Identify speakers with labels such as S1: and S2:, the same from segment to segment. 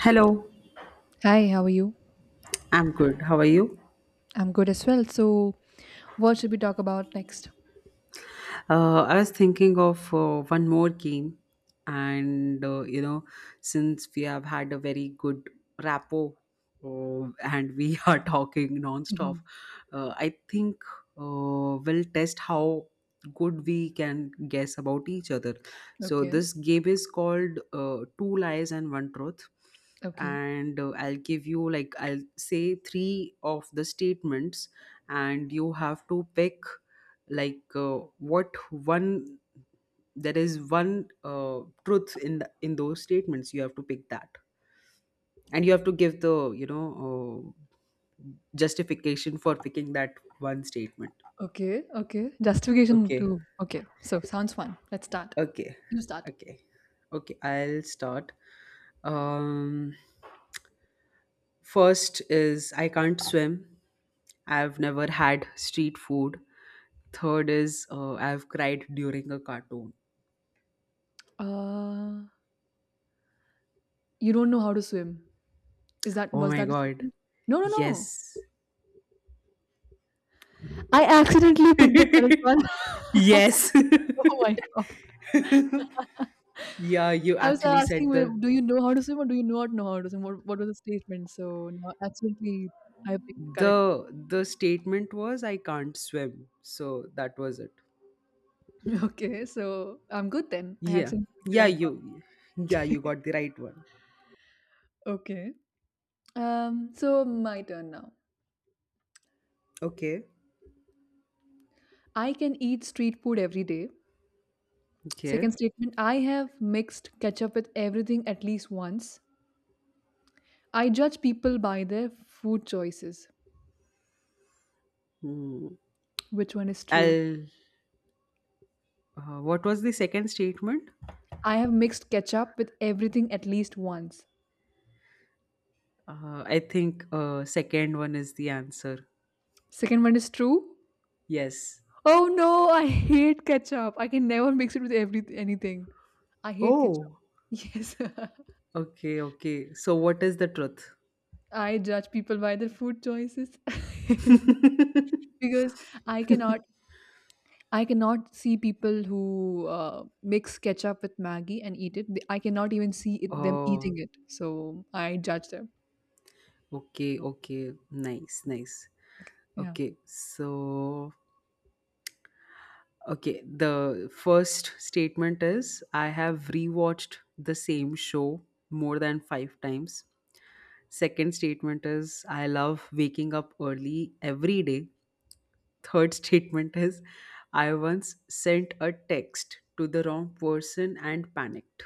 S1: Hello,
S2: Hi, how are you?
S1: I'm good. How are you?
S2: I'm good as well. So, what should we talk about next?
S1: I was thinking of one more game, and since we have had a very good rapport and we are talking non-stop,
S2: Mhm.
S1: I think we'll test how good we can guess about each other. So
S2: Okay,
S1: this game is called Two Lies and One Truth,
S2: okay,
S1: and I'll give you like I'll say three of the statements, and you have to pick like what one there is one truth in in those statements. You have to pick that, and you have to give the justification for picking that one statement.
S2: okay, okay. Justification
S1: Okay,
S2: too. Okay, so sounds fun. Let's start.
S1: okay.
S2: You start.
S1: Okay, okay, I'll start. um First is I can't swim. I've never had street food. Third is I've cried during a cartoon.
S2: Uh, you don't know how to swim. Is that
S1: Oh
S2: Was
S1: my
S2: that a
S1: god,
S2: statement? No, no, no.
S1: yes.
S2: I accidentally picked the correct one.
S1: Yes.
S2: Oh my god!
S1: Yeah, you
S2: I was
S1: actually
S2: asking,
S1: said
S2: well,
S1: the.
S2: do you know how to swim or do you not know how to swim? What was the statement? So now, accidentally, I picked the
S1: the
S2: correct one.
S1: the statement was I can't swim, so that was it.
S2: Okay, so I'm good then. I
S1: Yeah.
S2: accidentally picked the
S1: yeah
S2: right
S1: you yeah, you got the right one.
S2: one. Okay. So my turn now.
S1: Okay,
S2: I can eat street food every day.
S1: okay.
S2: Second statement, I have mixed ketchup with everything at least once. I judge people by their food choices.
S1: Hmm.
S2: Which one is true?
S1: I'll What was the second statement?
S2: I have mixed ketchup with everything at least once.
S1: I think second one is the answer.
S2: Second one is true.
S1: Yes.
S2: Oh no, I hate ketchup. I can never mix it with every anything. I hate ketchup.
S1: Oh,
S2: Yes.
S1: okay, okay. So what is the
S2: I judge people by their food choices because
S1: truth?
S2: I cannot I cannot see people who mix ketchup with Maggie and eat it. I cannot even see it, them
S1: Oh.
S2: eating it. So I judge them.
S1: Okay, okay. Nice, nice.
S2: Okay. Yeah.
S1: Okay, so okay, the first statement is I have rewatched the same show more than 5 times. Second statement is I love waking up early every day. Third statement is I once sent a text to the wrong person and panicked.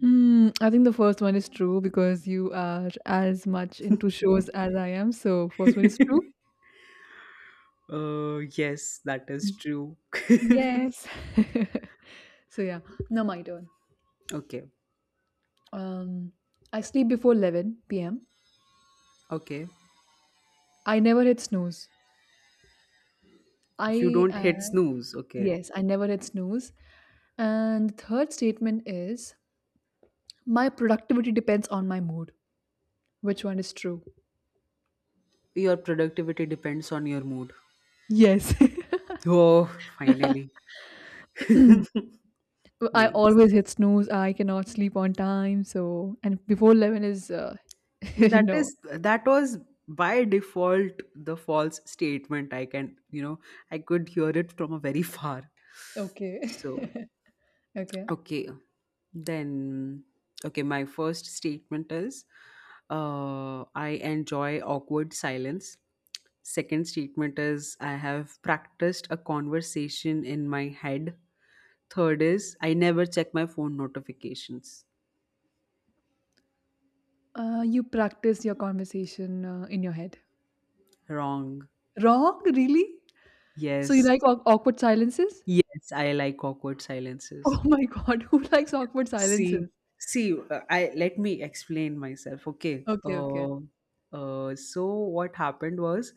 S2: Hmm, I think the first one is true because you are as much into shows as I am. So first one is true.
S1: Yes, that is true.
S2: Yes. So yeah. Now my turn.
S1: Okay,
S2: Um, I sleep before 11 p.m.
S1: okay.
S2: I never hit snooze.
S1: You
S2: I
S1: don't hit snooze. Okay.
S2: Yes, I never hit snooze. And the third statement is my productivity depends on my mood. Which one is true?
S1: Your productivity depends on your mood.
S2: Yes.
S1: Oh, finally.
S2: I
S1: Nice.
S2: always hit snooze. I cannot sleep on time. So, and before 11 is
S1: Yeah, that
S2: no.
S1: is that was by default the false statement. I can, you know, I could hear it from a very far.
S2: Okay.
S1: So,
S2: Okay.
S1: okay. Then okay, my first statement is I enjoy awkward silence. Second statement is I have practiced a conversation in my head. Third is I never check my phone notifications.
S2: You practice your conversation in your head.
S1: Wrong.
S2: Wrong? Really? So, you
S1: Yes.
S2: like awkward silences?
S1: Yes, I like awkward silences.
S2: Oh my God. Who likes awkward
S1: See,
S2: silences?
S1: see, I let me explain myself. Okay.
S2: Okay. Okay.
S1: So what happened was,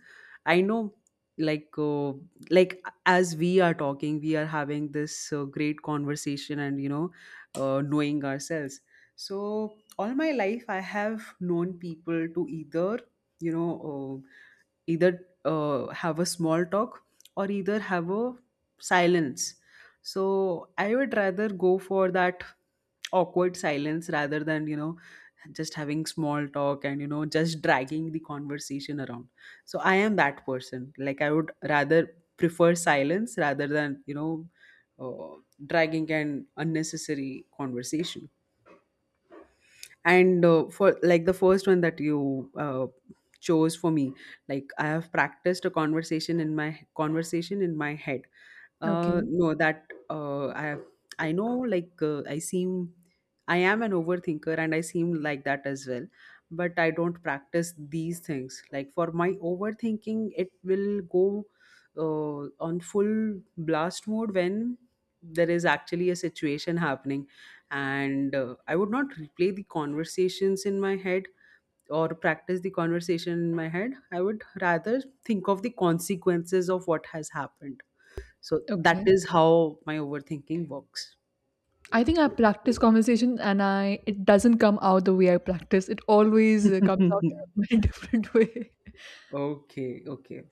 S1: I know, like, uh, like as we are talking, we are having this great conversation, and knowing ourselves. So all my life, I have known people to you know, uh, either have a small talk or either have a silence, so I would rather go for that awkward silence rather than, you know, just having small talk and, you know, just dragging the conversation around. So I am that person. Like I would rather prefer silence rather than, uh, dragging an unnecessary conversation. And for like the first one that you chose for me, like I have practiced a conversation in my head.
S2: Okay.
S1: No, that I know, like, I am an overthinker, and I seem like that as well. But I don't practice these things. Like, for my overthinking, it will go on full blast mode when there is actually a situation happening. And I would not replay the conversations in my head or practice the conversation in my head. I would rather think of the consequences of what has happened. So that
S2: Okay.
S1: is how my overthinking works.
S2: I think I practice conversation and I it doesn't come out the way I practice. It always comes out in a very different way.
S1: Okay, okay.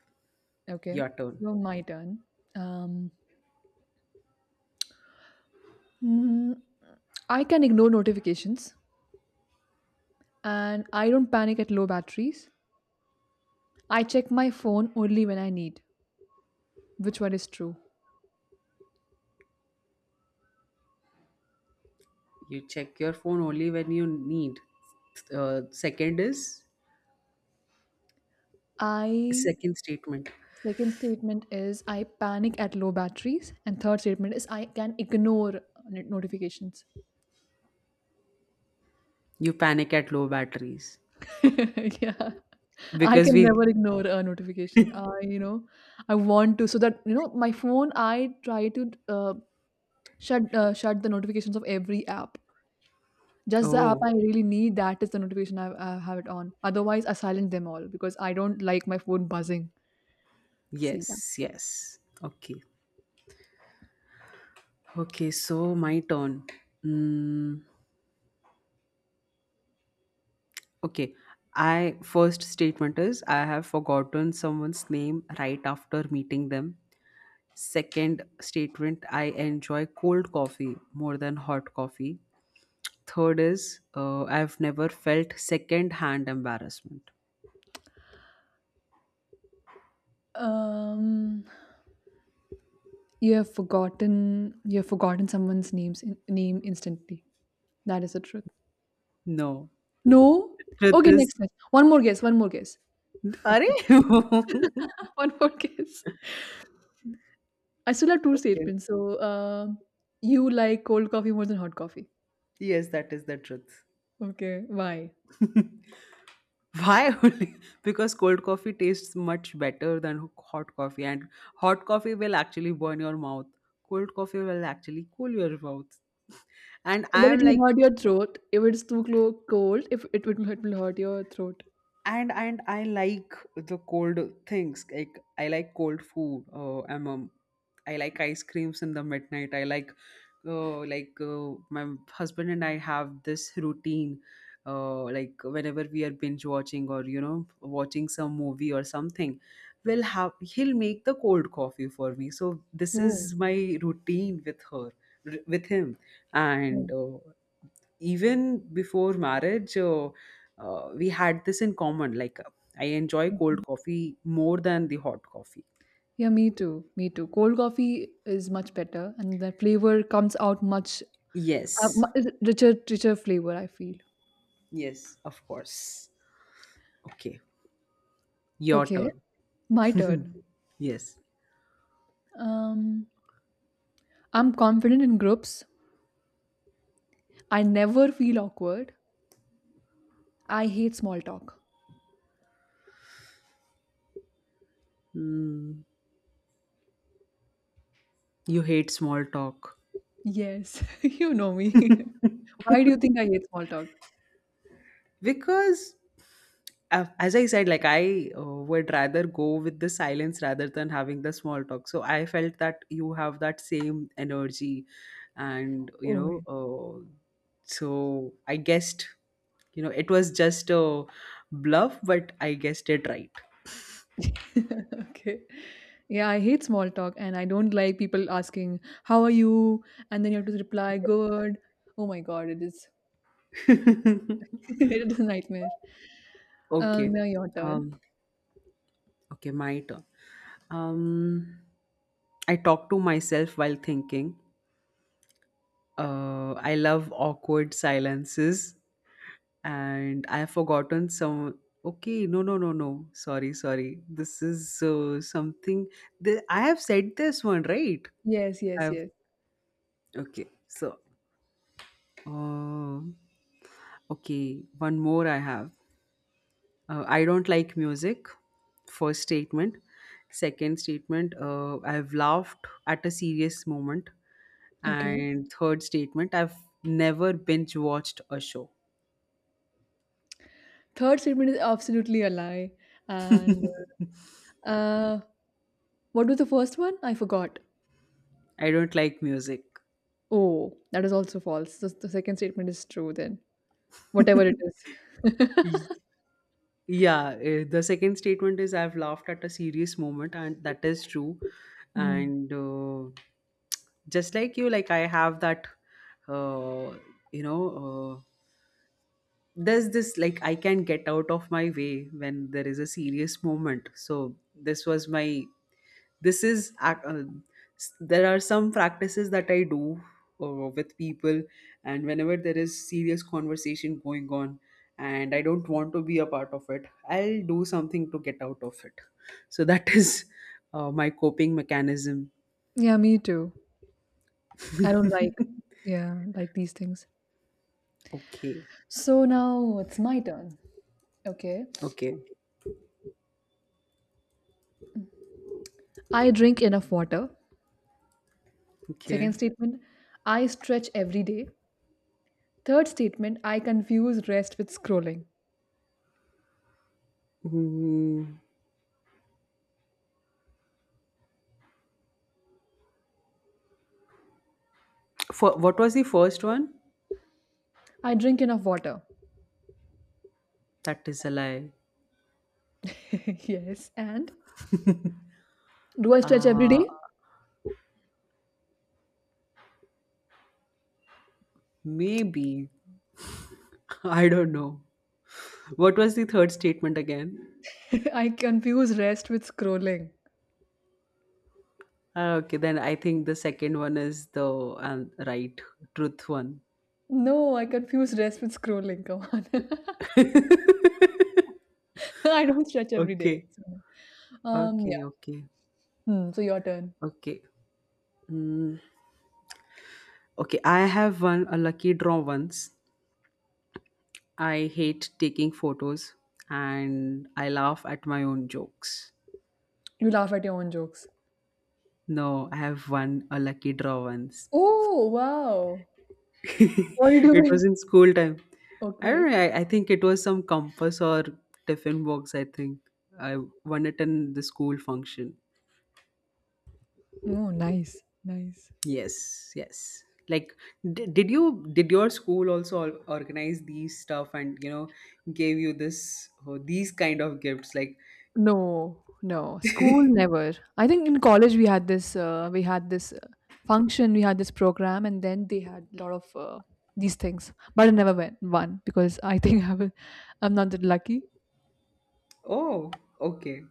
S2: Okay,
S1: Your turn.
S2: so my turn. Um, mm, I can ignore notifications and I don't panic at low batteries. I check my phone only when I need. Which one is true?
S1: You check your phone only when you need. uh, second is
S2: I
S1: second statement.
S2: Second statement is I panic at low batteries and third statement is I can ignore notifications.
S1: You panic at low batteries.
S2: Yeah. I
S1: Because
S2: can
S1: we
S2: never ignore a notification. I want to so that my phone. I try to shut the notifications of every app. Just the app
S1: Oh,
S2: I really need. That is the notification I have it on. Otherwise, I silence them all because I don't like my phone buzzing. So yeah.
S1: yes, yes, okay. Okay, so my turn. Mm, okay, I first statement is, I have forgotten someone's name right after meeting them. Second statement, I enjoy cold coffee more than hot coffee. Third is I've never felt second hand embarrassment.
S2: Um, you have forgotten. You have forgotten someone's name instantly. That is the truth.
S1: No,
S2: No.
S1: truth
S2: Okay.
S1: is.
S2: Next. Next. One more guess. One more guess.
S1: Are okay.
S2: One more guess. I still have two statements. So, you like cold coffee more than hot coffee.
S1: Yes, that is the truth.
S2: Okay, why?
S1: Why only? Because cold coffee tastes much better than hot coffee, and hot coffee will actually burn your mouth. Cold coffee will actually cool your mouth. And I
S2: But it
S1: am
S2: will
S1: like,
S2: hurt your throat if it's too cold. If it will hurt your throat.
S1: and I like the cold things. Like I like cold food, I like ice creams in the midnight. I like my husband and I have this routine. Like whenever we are binge watching or, watching some movie or something, we'll have he'll make the cold coffee for me, so this
S2: Oh,
S1: is my routine with with him. And
S2: oh,
S1: even before marriage, we had this in common. Like, I enjoy
S2: okay.
S1: cold coffee more than the hot coffee.
S2: Yeah, me too. Me too. Cold coffee is much better, and the flavor comes out much uh,
S1: Yes,
S2: mu- richer flavor. I feel.
S1: yes, of course. Okay, your
S2: Okay,
S1: turn.
S2: my turn.
S1: Yes.
S2: Um, I'm confident in groups. I never feel awkward. I hate small talk.
S1: Mm, you hate small talk.
S2: Yes, you know me. Why do you think I hate small talk?
S1: Because as I said, like I would rather go with the silence rather than having the small talk, so I felt that you have that same energy, and
S2: Oh, yeah.
S1: so I guessed, you know, it was just a bluff, but I guessed it right.
S2: Okay. Yeah, I hate small talk and I don't like people asking, How are you? And then you have to reply, Good. Oh my God, it is it is a nightmare.
S1: Okay.
S2: Now your
S1: um
S2: turn.
S1: okay, my turn. um I talk to myself while thinking. I love awkward silences, and I have forgotten some. Okay, no, no, no, no. Sorry, sorry. This is something. I have said this one, right?
S2: Yes, yes,
S1: I've.
S2: yes.
S1: Okay. So, uh, okay, one more I have. I don't like music. First statement. Second statement. I've laughed at a serious moment.
S2: Okay.
S1: And third statement. I've never binge watched a show.
S2: Third statement is absolutely a lie. And
S1: I
S2: uh, what was the first one? I forgot.
S1: don't like music.
S2: Oh, that is also false. The second statement is true then. Whatever it is.
S1: Y- Yeah, the second statement is, I've laughed at a serious moment, and that is true.
S2: Mhm.
S1: And just like you, like I have that, uh, you know, uh, there's this, like I can get out of my way when there is a serious moment. So this was my this is ac- s- there are some practices that I do with people, and whenever there is serious conversation going on and I don't want to be a part of it, I'll do something to get out of it. So that is my coping mechanism.
S2: Yeah, me too. I don't like, yeah, like these things.
S1: Okay,
S2: So now it's my turn. Okay.
S1: okay,
S2: I drink enough water.
S1: okay.
S2: Second statement, I stretch every day. Third statement, I confuse rest with scrolling.
S1: Mm, for, what was the first one?
S2: I drink enough water.
S1: That is a lie.
S2: Yes. And do I stretch every
S1: uh,
S2: day?
S1: Maybe. I don't know. What was the third statement again?
S2: I confuse rest with scrolling.
S1: Ah, okay, then I think the second one is the truth one.
S2: No, I confuse rest with scrolling. Come on. I don't stretch every day.
S1: Okay,
S2: So, yeah.
S1: okay, okay,
S2: Hmm, so your turn.
S1: okay. Mm, okay, I have won a lucky draw once. I hate taking photos, and I laugh at my own jokes.
S2: You laugh at your own jokes.
S1: No, I have won a lucky draw once.
S2: Oh, wow. What did you
S1: It
S2: do?
S1: was in school time. I don't
S2: Okay.
S1: know. I think it was some compass or tiffin box. I think I won it in the school function.
S2: Oh, nice, nice.
S1: Yes, yes. Like, did your school also organize these stuff and gave you this oh, these kind of gifts? Like,
S2: No, no. School never. I think in college we had this function, we had this program and then they had a lot of these things. But I never went one because I think I'm not that lucky.
S1: oh, okay,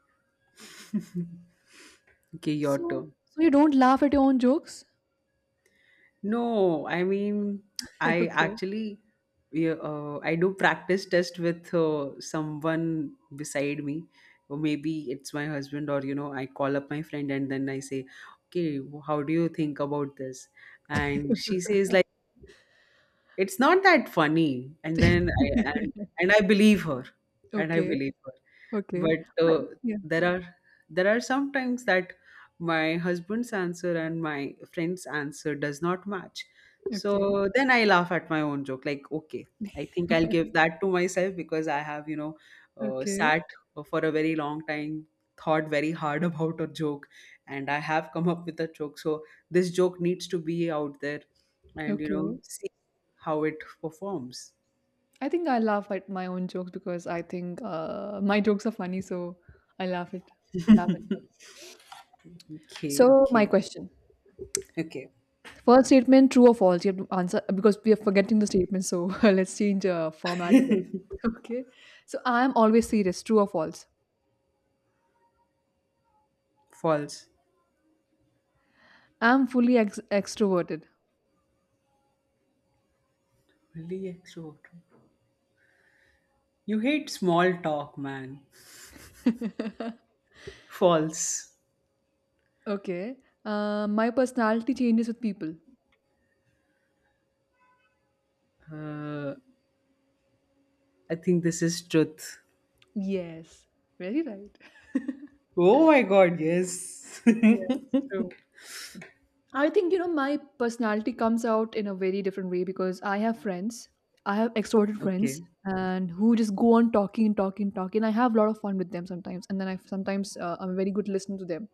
S1: okay, your
S2: So
S1: turn.
S2: so you don't laugh at your own jokes?
S1: No, I mean, I
S2: Okay.
S1: actually, yeah, I do practice test with someone beside me, or maybe it's my husband, or you know, I call up my friend and then I say, okay, how do you think about this? And she says, like, it's not that funny. And then I believe her. And I
S2: Okay.
S1: believe her,
S2: Okay.
S1: but
S2: But yeah.
S1: there are there are some times that my husband's answer and my friend's answer does not match.
S2: Okay.
S1: So then I laugh at my own joke, like, okay, I think I'll give that to myself because I have,
S2: Okay.
S1: sat for a very long time, thought very hard about a joke, and I have come up with a joke, so this joke needs to be out there, and you know,
S2: Okay.
S1: see how it performs.
S2: I think I laugh at my own jokes because I think my jokes are funny, so I laugh at.
S1: Okay,
S2: So my
S1: okay,
S2: question:
S1: okay.
S2: first statement, true or false? You have to answer because we are forgetting the statement. So let's change format of it. Okay. So I am always serious. True or false?
S1: False.
S2: I am fully extroverted.
S1: Really extroverted. You hate small talk, man. False.
S2: Okay. My personality changes with people.
S1: Uh, I think this is truth.
S2: Yes. Very right.
S1: Oh my god, yes.
S2: Yes. I think, my personality comes out in a very different way because I have friends. I have extroverted
S1: Okay.
S2: friends and who just go on talking and talking and talking. I have a lot of fun with them sometimes. And then I'm a very good listener to them.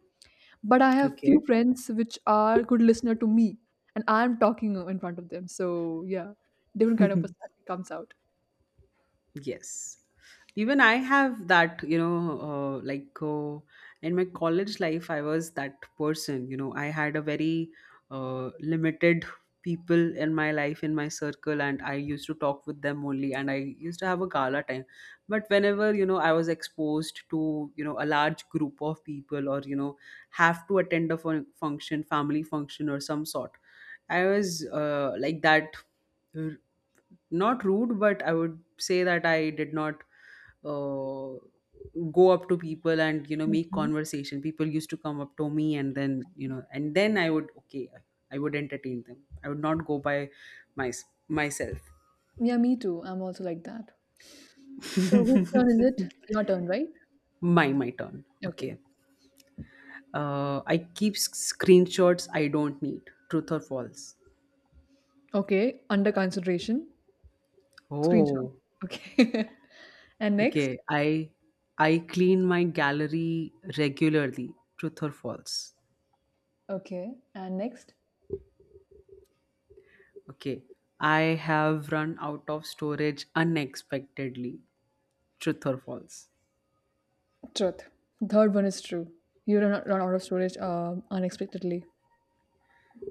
S2: But I have few
S1: Okay.
S2: friends which are good listener to me and I'm talking in front of them. So yeah, different kind of personality comes out.
S1: Yes. Even I have that, uh, like uh, in my college life, I was that person. You know, I had a very limited people in my life, in my circle, and I used to talk with them only, and I used to have a gala time. But whenever, you know, I was exposed to, you know, a large group of people or, you know, have to attend a function, family function or some sort, I was like that. Not rude, but I would say that I did not uh, go up to people and, you know, make
S2: Okay.
S1: conversation. People used to come up to me, and then, I would, okay, I would entertain them. I would not go by my myself.
S2: Yeah, me too. I'm also like that. So whose turn is it? Your turn, right?
S1: My turn,
S2: Okay.
S1: okay. I keep screenshots I don't need. Truth or false?
S2: Okay. Under consideration. Screenshot.
S1: Oh,
S2: Okay. And
S1: okay.
S2: next?
S1: I clean my gallery regularly. Truth or false?
S2: Okay. And next?
S1: Okay, I have run out of storage unexpectedly. Truth or false?
S2: Truth. Third one is true. You run out of storage unexpectedly.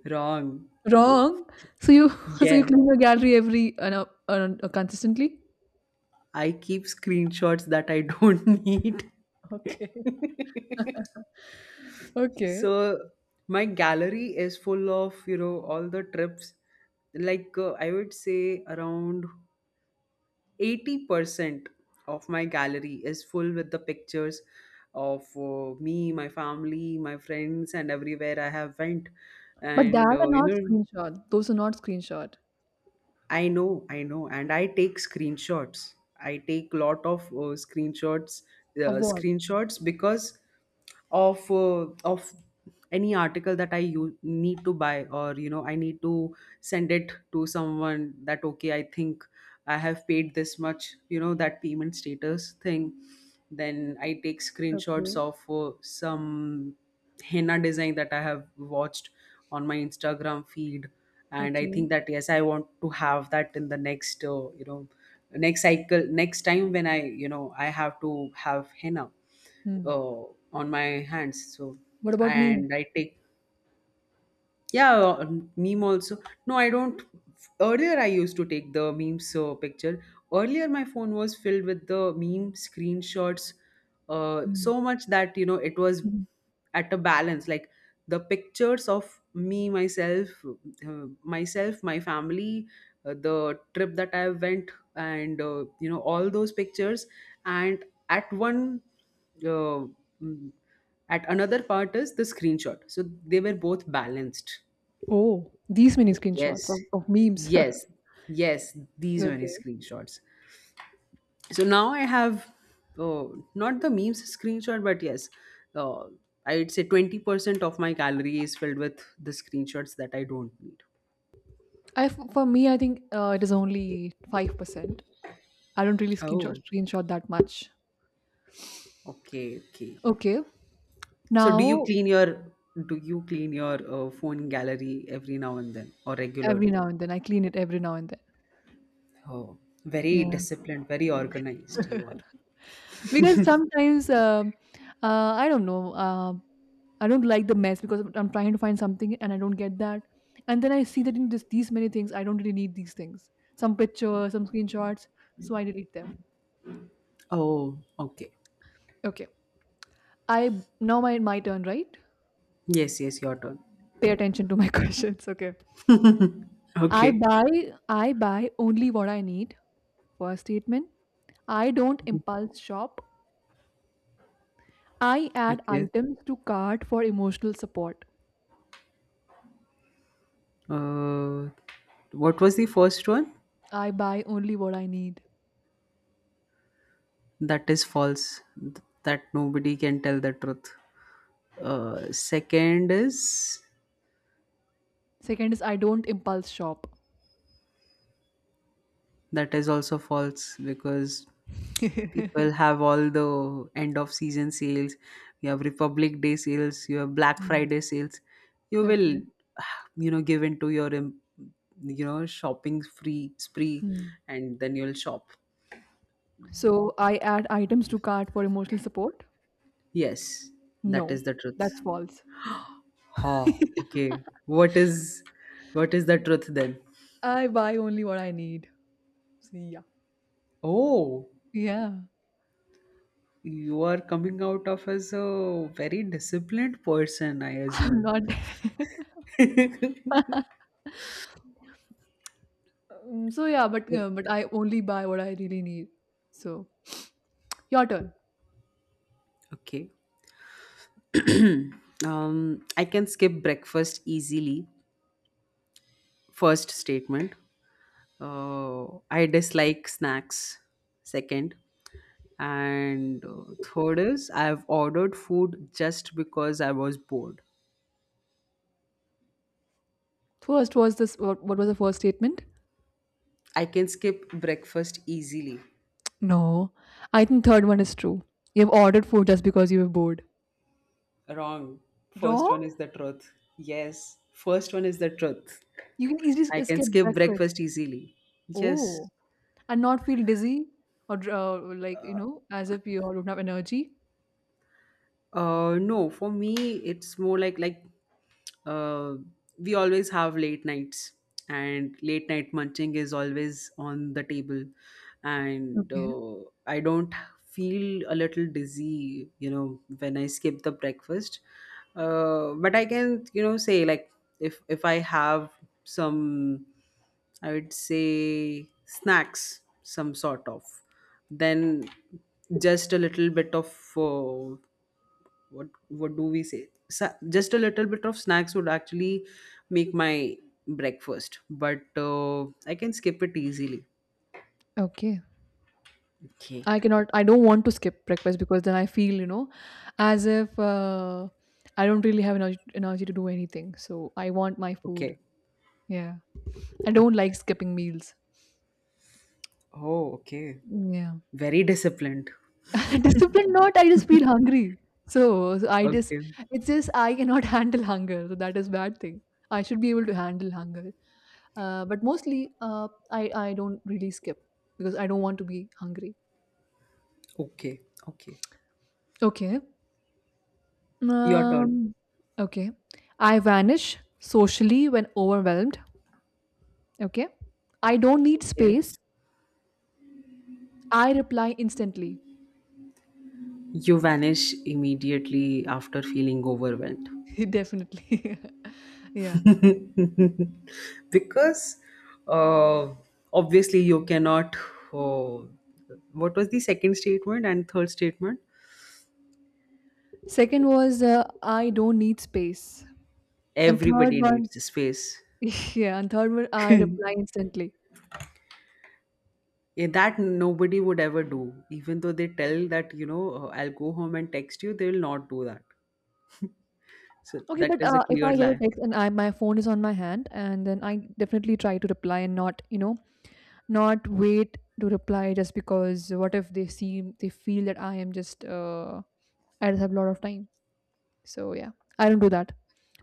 S1: Wrong.
S2: Wrong. So you so you
S1: Yeah,
S2: clean your gallery every no, consistently.
S1: I keep screenshots that I don't need.
S2: Okay. Okay.
S1: So my gallery is full of, you know, all the trips. I would say around 80% of my gallery is full with the pictures of me, my family, my friends, and everywhere I have went.
S2: But that
S1: And
S2: are
S1: you
S2: not
S1: know
S2: screenshot. Those are not screenshot.
S1: I know, I know, and I take screenshots. I take lot of screenshots,
S2: Of what?
S1: screenshots because of any article that I need to buy, or you know I need to send it to someone that okay I think I have paid this much, that payment status thing. Then I take screenshots
S2: Okay.
S1: of some henna design that I have watched on my Instagram feed, and I
S2: Okay.
S1: think that yes, I want to have that in the next next cycle, next time when I you know I have to have henna
S2: Hmm.
S1: uh, on my hands. So
S2: What about meme?
S1: and I take, yeah, meme also. No, I don't. Earlier I used to take the memes so picture. Earlier my phone was filled with the meme screenshots,
S2: Hmm.
S1: so much that you know it was
S2: Mhm.
S1: at a balance. Like the pictures of me myself, myself, my family, the trip that I went, and all those pictures, and at one uh, mm, at another part is the screenshot. So they were both balanced.
S2: Oh, these many screenshots
S1: Yes,
S2: of memes.
S1: yes, yes, these many
S2: Okay.
S1: screenshots. So now I have, uh, not the memes screenshot, but yes, uh, I'd say 20% of my gallery is filled with the screenshots that I don't need.
S2: For me, I think it is only 5%. I don't really screenshot
S1: Oh,
S2: screenshot that much.
S1: okay, okay.
S2: Okay.
S1: So do you
S2: Now,
S1: clean your phone gallery every now and then, or
S2: every
S1: regularly?
S2: now and then, I clean it every now and then.
S1: Oh, very disciplined, very organized
S2: Yeah.
S1: you are.
S2: Because sometimes, I don't know, I don't like the mess because I'm trying to find something and I don't get that. And then I see that in these many things, I don't really need these things. Some pictures, some screenshots, so I delete them.
S1: Oh okay.
S2: Okay. I Now my turn, right?
S1: Yes, yes, your turn.
S2: Pay attention to my questions. Okay. I
S1: Okay,
S2: buy I buy only what I need. First statement, I don't impulse shop. I add
S1: okay.
S2: items to cart for emotional support.
S1: uh what was the first one?
S2: I buy only what I need.
S1: That is false. That nobody can tell the truth. Second is,
S2: Second is I don't impulse shop.
S1: that is also false because people have all the end of season sales, you have Republic Day sales, you have Black
S2: Hmm.
S1: Friday sales, you
S2: Okay.
S1: will give into your shopping free spree
S2: Hmm.
S1: and then you'll shop.
S2: So I add items to cart for emotional support?
S1: Yes, that
S2: No,
S1: is the truth.
S2: that's false.
S1: Ha. Okay, what is, what is the truth then?
S2: I buy only what I need. So, yeah.
S1: Oh.
S2: Yeah.
S1: You are coming out of as a very disciplined person, I
S2: I'm
S1: assume.
S2: not. So yeah, but I only buy what I really need. So your turn.
S1: Okay. I can skip breakfast easily. First statement. I dislike snacks. Second. And third is, I've ordered food just because I was bored.
S2: First was this. What was the first statement?
S1: I can skip breakfast easily.
S2: No, I think third one is true. You have ordered food just because you were bored.
S1: Wrong. First
S2: Wrong.
S1: one is the truth. Yes. First one is the truth.
S2: You can
S1: I
S2: easily
S1: can
S2: skip
S1: skip
S2: breakfast.
S1: breakfast easily. Yes.
S2: Oh, and not feel dizzy or like as if you don't have energy.
S1: No, for me it's more like uh, we always have late nights, and late night munching is always on the table, and
S2: Okay.
S1: I don't feel a little dizzy, you know, when I skip the breakfast. But I can, you know, say like if I have some, I would say snacks, some sort of, then just a little bit of what what do we say just a little bit of snacks would actually make my breakfast. But I can skip it easily.
S2: Okay.
S1: Okay,
S2: I cannot. I don't want to skip breakfast because then I feel as if I don't really have energy to do anything. So I want my food.
S1: okay,
S2: Yeah. I don't
S1: okay.
S2: like skipping meals.
S1: Oh okay,
S2: Yeah.
S1: very disciplined.
S2: Discipline not, I just feel hungry. So,
S1: Okay,
S2: it's just I cannot handle hunger. So that is bad thing. I should be able to handle hunger. But mostly, I don't really skip because I don't want to be hungry.
S1: okay, okay.
S2: Okay.
S1: Your turn.
S2: Um. Okay. I vanish socially when overwhelmed. Okay. I don't need
S1: Okay.
S2: space. I reply instantly.
S1: You vanish immediately after feeling overwhelmed.
S2: Definitely. Yeah.
S1: Because, uh, obviously you cannot, uh, what was the second statement and third statement?
S2: Second was I don't need space. And third
S1: Everybody needs
S2: one
S1: the space.
S2: Yeah, and third one, I reply instantly.
S1: Yeah, that nobody would ever do, even though they tell that I'll go home and text you, they will not do that. So
S2: Okay,
S1: that
S2: but
S1: is a
S2: if
S1: clear
S2: I get a
S1: lie.
S2: text and I my phone is on my hand, and then I definitely try to reply and not, you know, not wait to reply just because what if they seem they feel that I just have a lot of time. So yeah, I don't do that.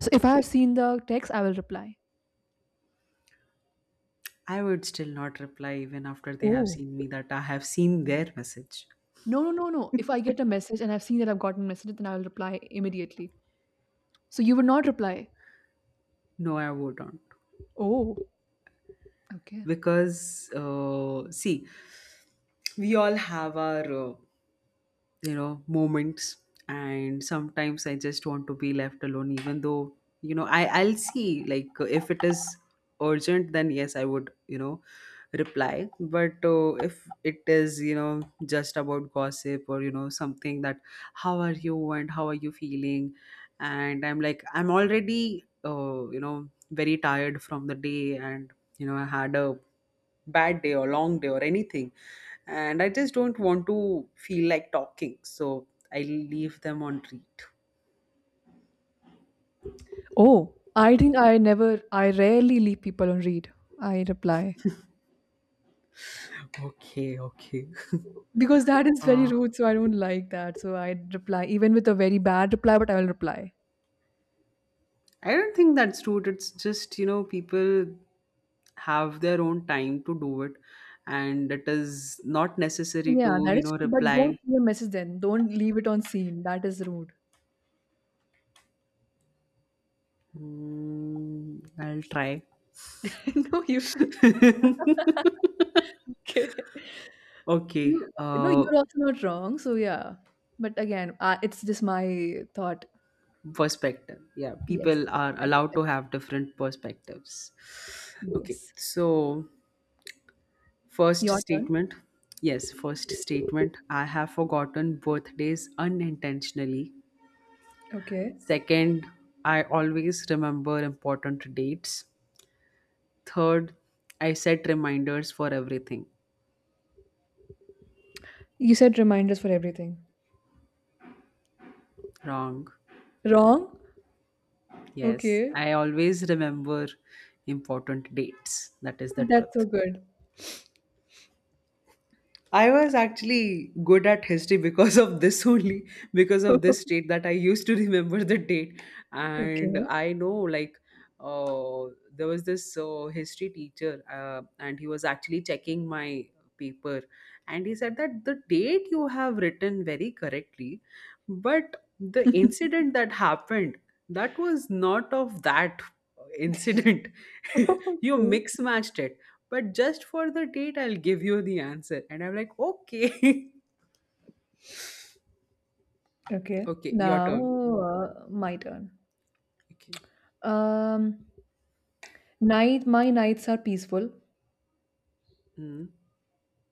S2: So if I have seen the text, I will reply.
S1: I would still not reply even after they have
S2: Oh,
S1: seen me that I have seen their message.
S2: no, no, no, no. If I get a message and I've seen that I've gotten message, then I will reply immediately. So you would not reply.
S1: No, I wouldn't.
S2: Oh, okay.
S1: Because see, we all have our moments, and sometimes I just want to be left alone. Even though I'll see, like, if it is urgent, then yes, I would, you know, reply. But if it is, you know, just about gossip or you know something that how are you and how are you feeling, and I'm like, I'm already very tired from the day, and you know I had a bad day or long day or anything, and I just don't want to feel like talking, so I leave them on read.
S2: Oh, I think I never, I rarely leave people on read. I reply
S1: Okay, okay.
S2: because that is very
S1: Uh,
S2: rude, so I don't like that. So I reply even with a very bad reply, but I will reply.
S1: I don't think that's rude. It's just you know people have their own time to do it, and it is not necessary
S2: Yeah,
S1: to
S2: that
S1: you
S2: is
S1: know
S2: true. But don't
S1: reply.
S2: leave a message then. Don't leave it on scene. That is rude.
S1: Mm, I'll try.
S2: No, you should. Okay.
S1: Okay.
S2: You No, you're also not wrong. So yeah, but again, it's just my thought.
S1: Perspective. Yeah,
S2: Yes,
S1: people
S2: yes,
S1: are
S2: my
S1: allowed to
S2: perspective.
S1: have different perspectives. Okay,
S2: Yes,
S1: so first
S2: your turn.
S1: statement. Yes, first statement. I have forgotten birthdays unintentionally.
S2: Okay.
S1: Second, I always remember important dates. Third, I set reminders for everything.
S2: You said reminders for everything.
S1: Wrong.
S2: Wrong.
S1: Yes,
S2: Okay.
S1: I always remember important dates. That is the
S2: That's
S1: truth.
S2: so good.
S1: I was actually good at history because of this only, because of this state that I used to remember the date. And
S2: Okay.
S1: I know, like, uh, there was this history teacher, and he was actually checking my paper. And he said that the date you have written very correctly, but the incident that happened, that was not of that incident. You
S2: Okay.
S1: mix matched it, but just for the date I'll give you the answer. And I'm like, okay.
S2: Okay.
S1: Okay, your
S2: Now,
S1: turn.
S2: my turn.
S1: Okay.
S2: Um, my nights are peaceful.
S1: Mm.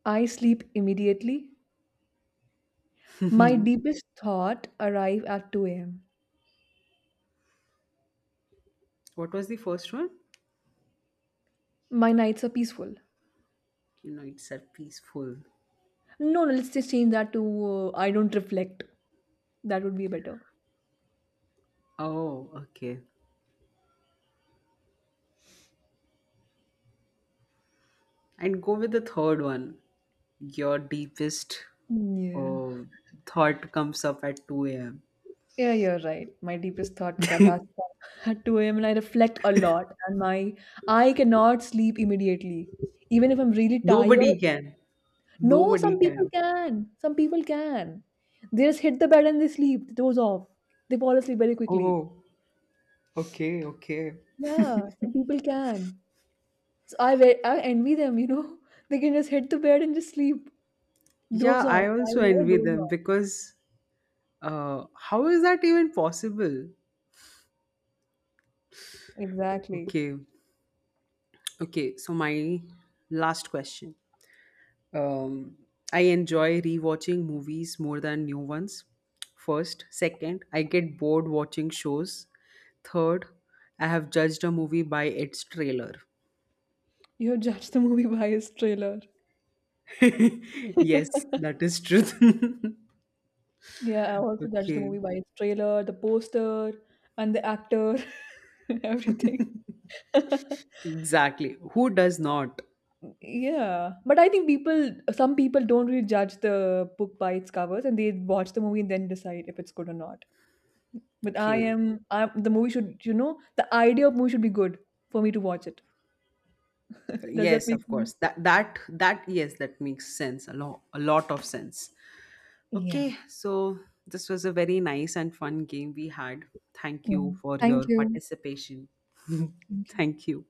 S2: I sleep immediately. My deepest thought arrive at 2 a.m.
S1: What was the first one?
S2: My nights are peaceful.
S1: You know, it's are peaceful.
S2: No, no, let's just change that to I don't reflect. That would be better.
S1: Oh okay, and go with the third one, your deepest.
S2: Yeah.
S1: Oh, thought comes up at 2 a.m.
S2: Yeah, you're right. My deepest thought does come at 2 a.m. and I reflect a lot and my I cannot sleep immediately. Even if I'm really
S1: Nobody
S2: tired.
S1: can,
S2: No,
S1: nobody
S2: some
S1: can.
S2: people can. Some people can. They just hit the bed and they sleep. The door's off. They fall asleep very quickly.
S1: Oh, okay, okay.
S2: Yeah, some people can. So I envy them. They can just hit the bed and just sleep. Doze
S1: Yeah, I
S2: off. I
S1: also
S2: never
S1: envy
S2: doze
S1: them
S2: off.
S1: because how is that even possible?
S2: Exactly.
S1: Okay, okay. So my last question. Um, I enjoy rewatching movies more than new ones. First, second, I get bored watching shows. Third, I have judged a movie by its trailer.
S2: You have judged the movie by its trailer.
S1: Yes, that is truth.
S2: Yeah, I also judged the
S1: Okay,
S2: movie by its trailer, the poster, and the actor, everything.
S1: exactly. Who does not?
S2: Yeah, but I think some people don't really judge the book by its covers, and they watch the movie and then decide if it's good or not. But I
S1: Okay.
S2: am, I the movie should, the idea of movie should be good for me to watch it. Does that
S1: Yes,
S2: make
S1: of
S2: sense?
S1: course. That yes, that makes sense. A lot of sense.
S2: Yeah.
S1: Okay, so this was a very nice and fun game we had. Thank
S2: Yeah.
S1: you for
S2: Thank
S1: your
S2: you.
S1: participation.
S2: Thank you.
S1: Thank you.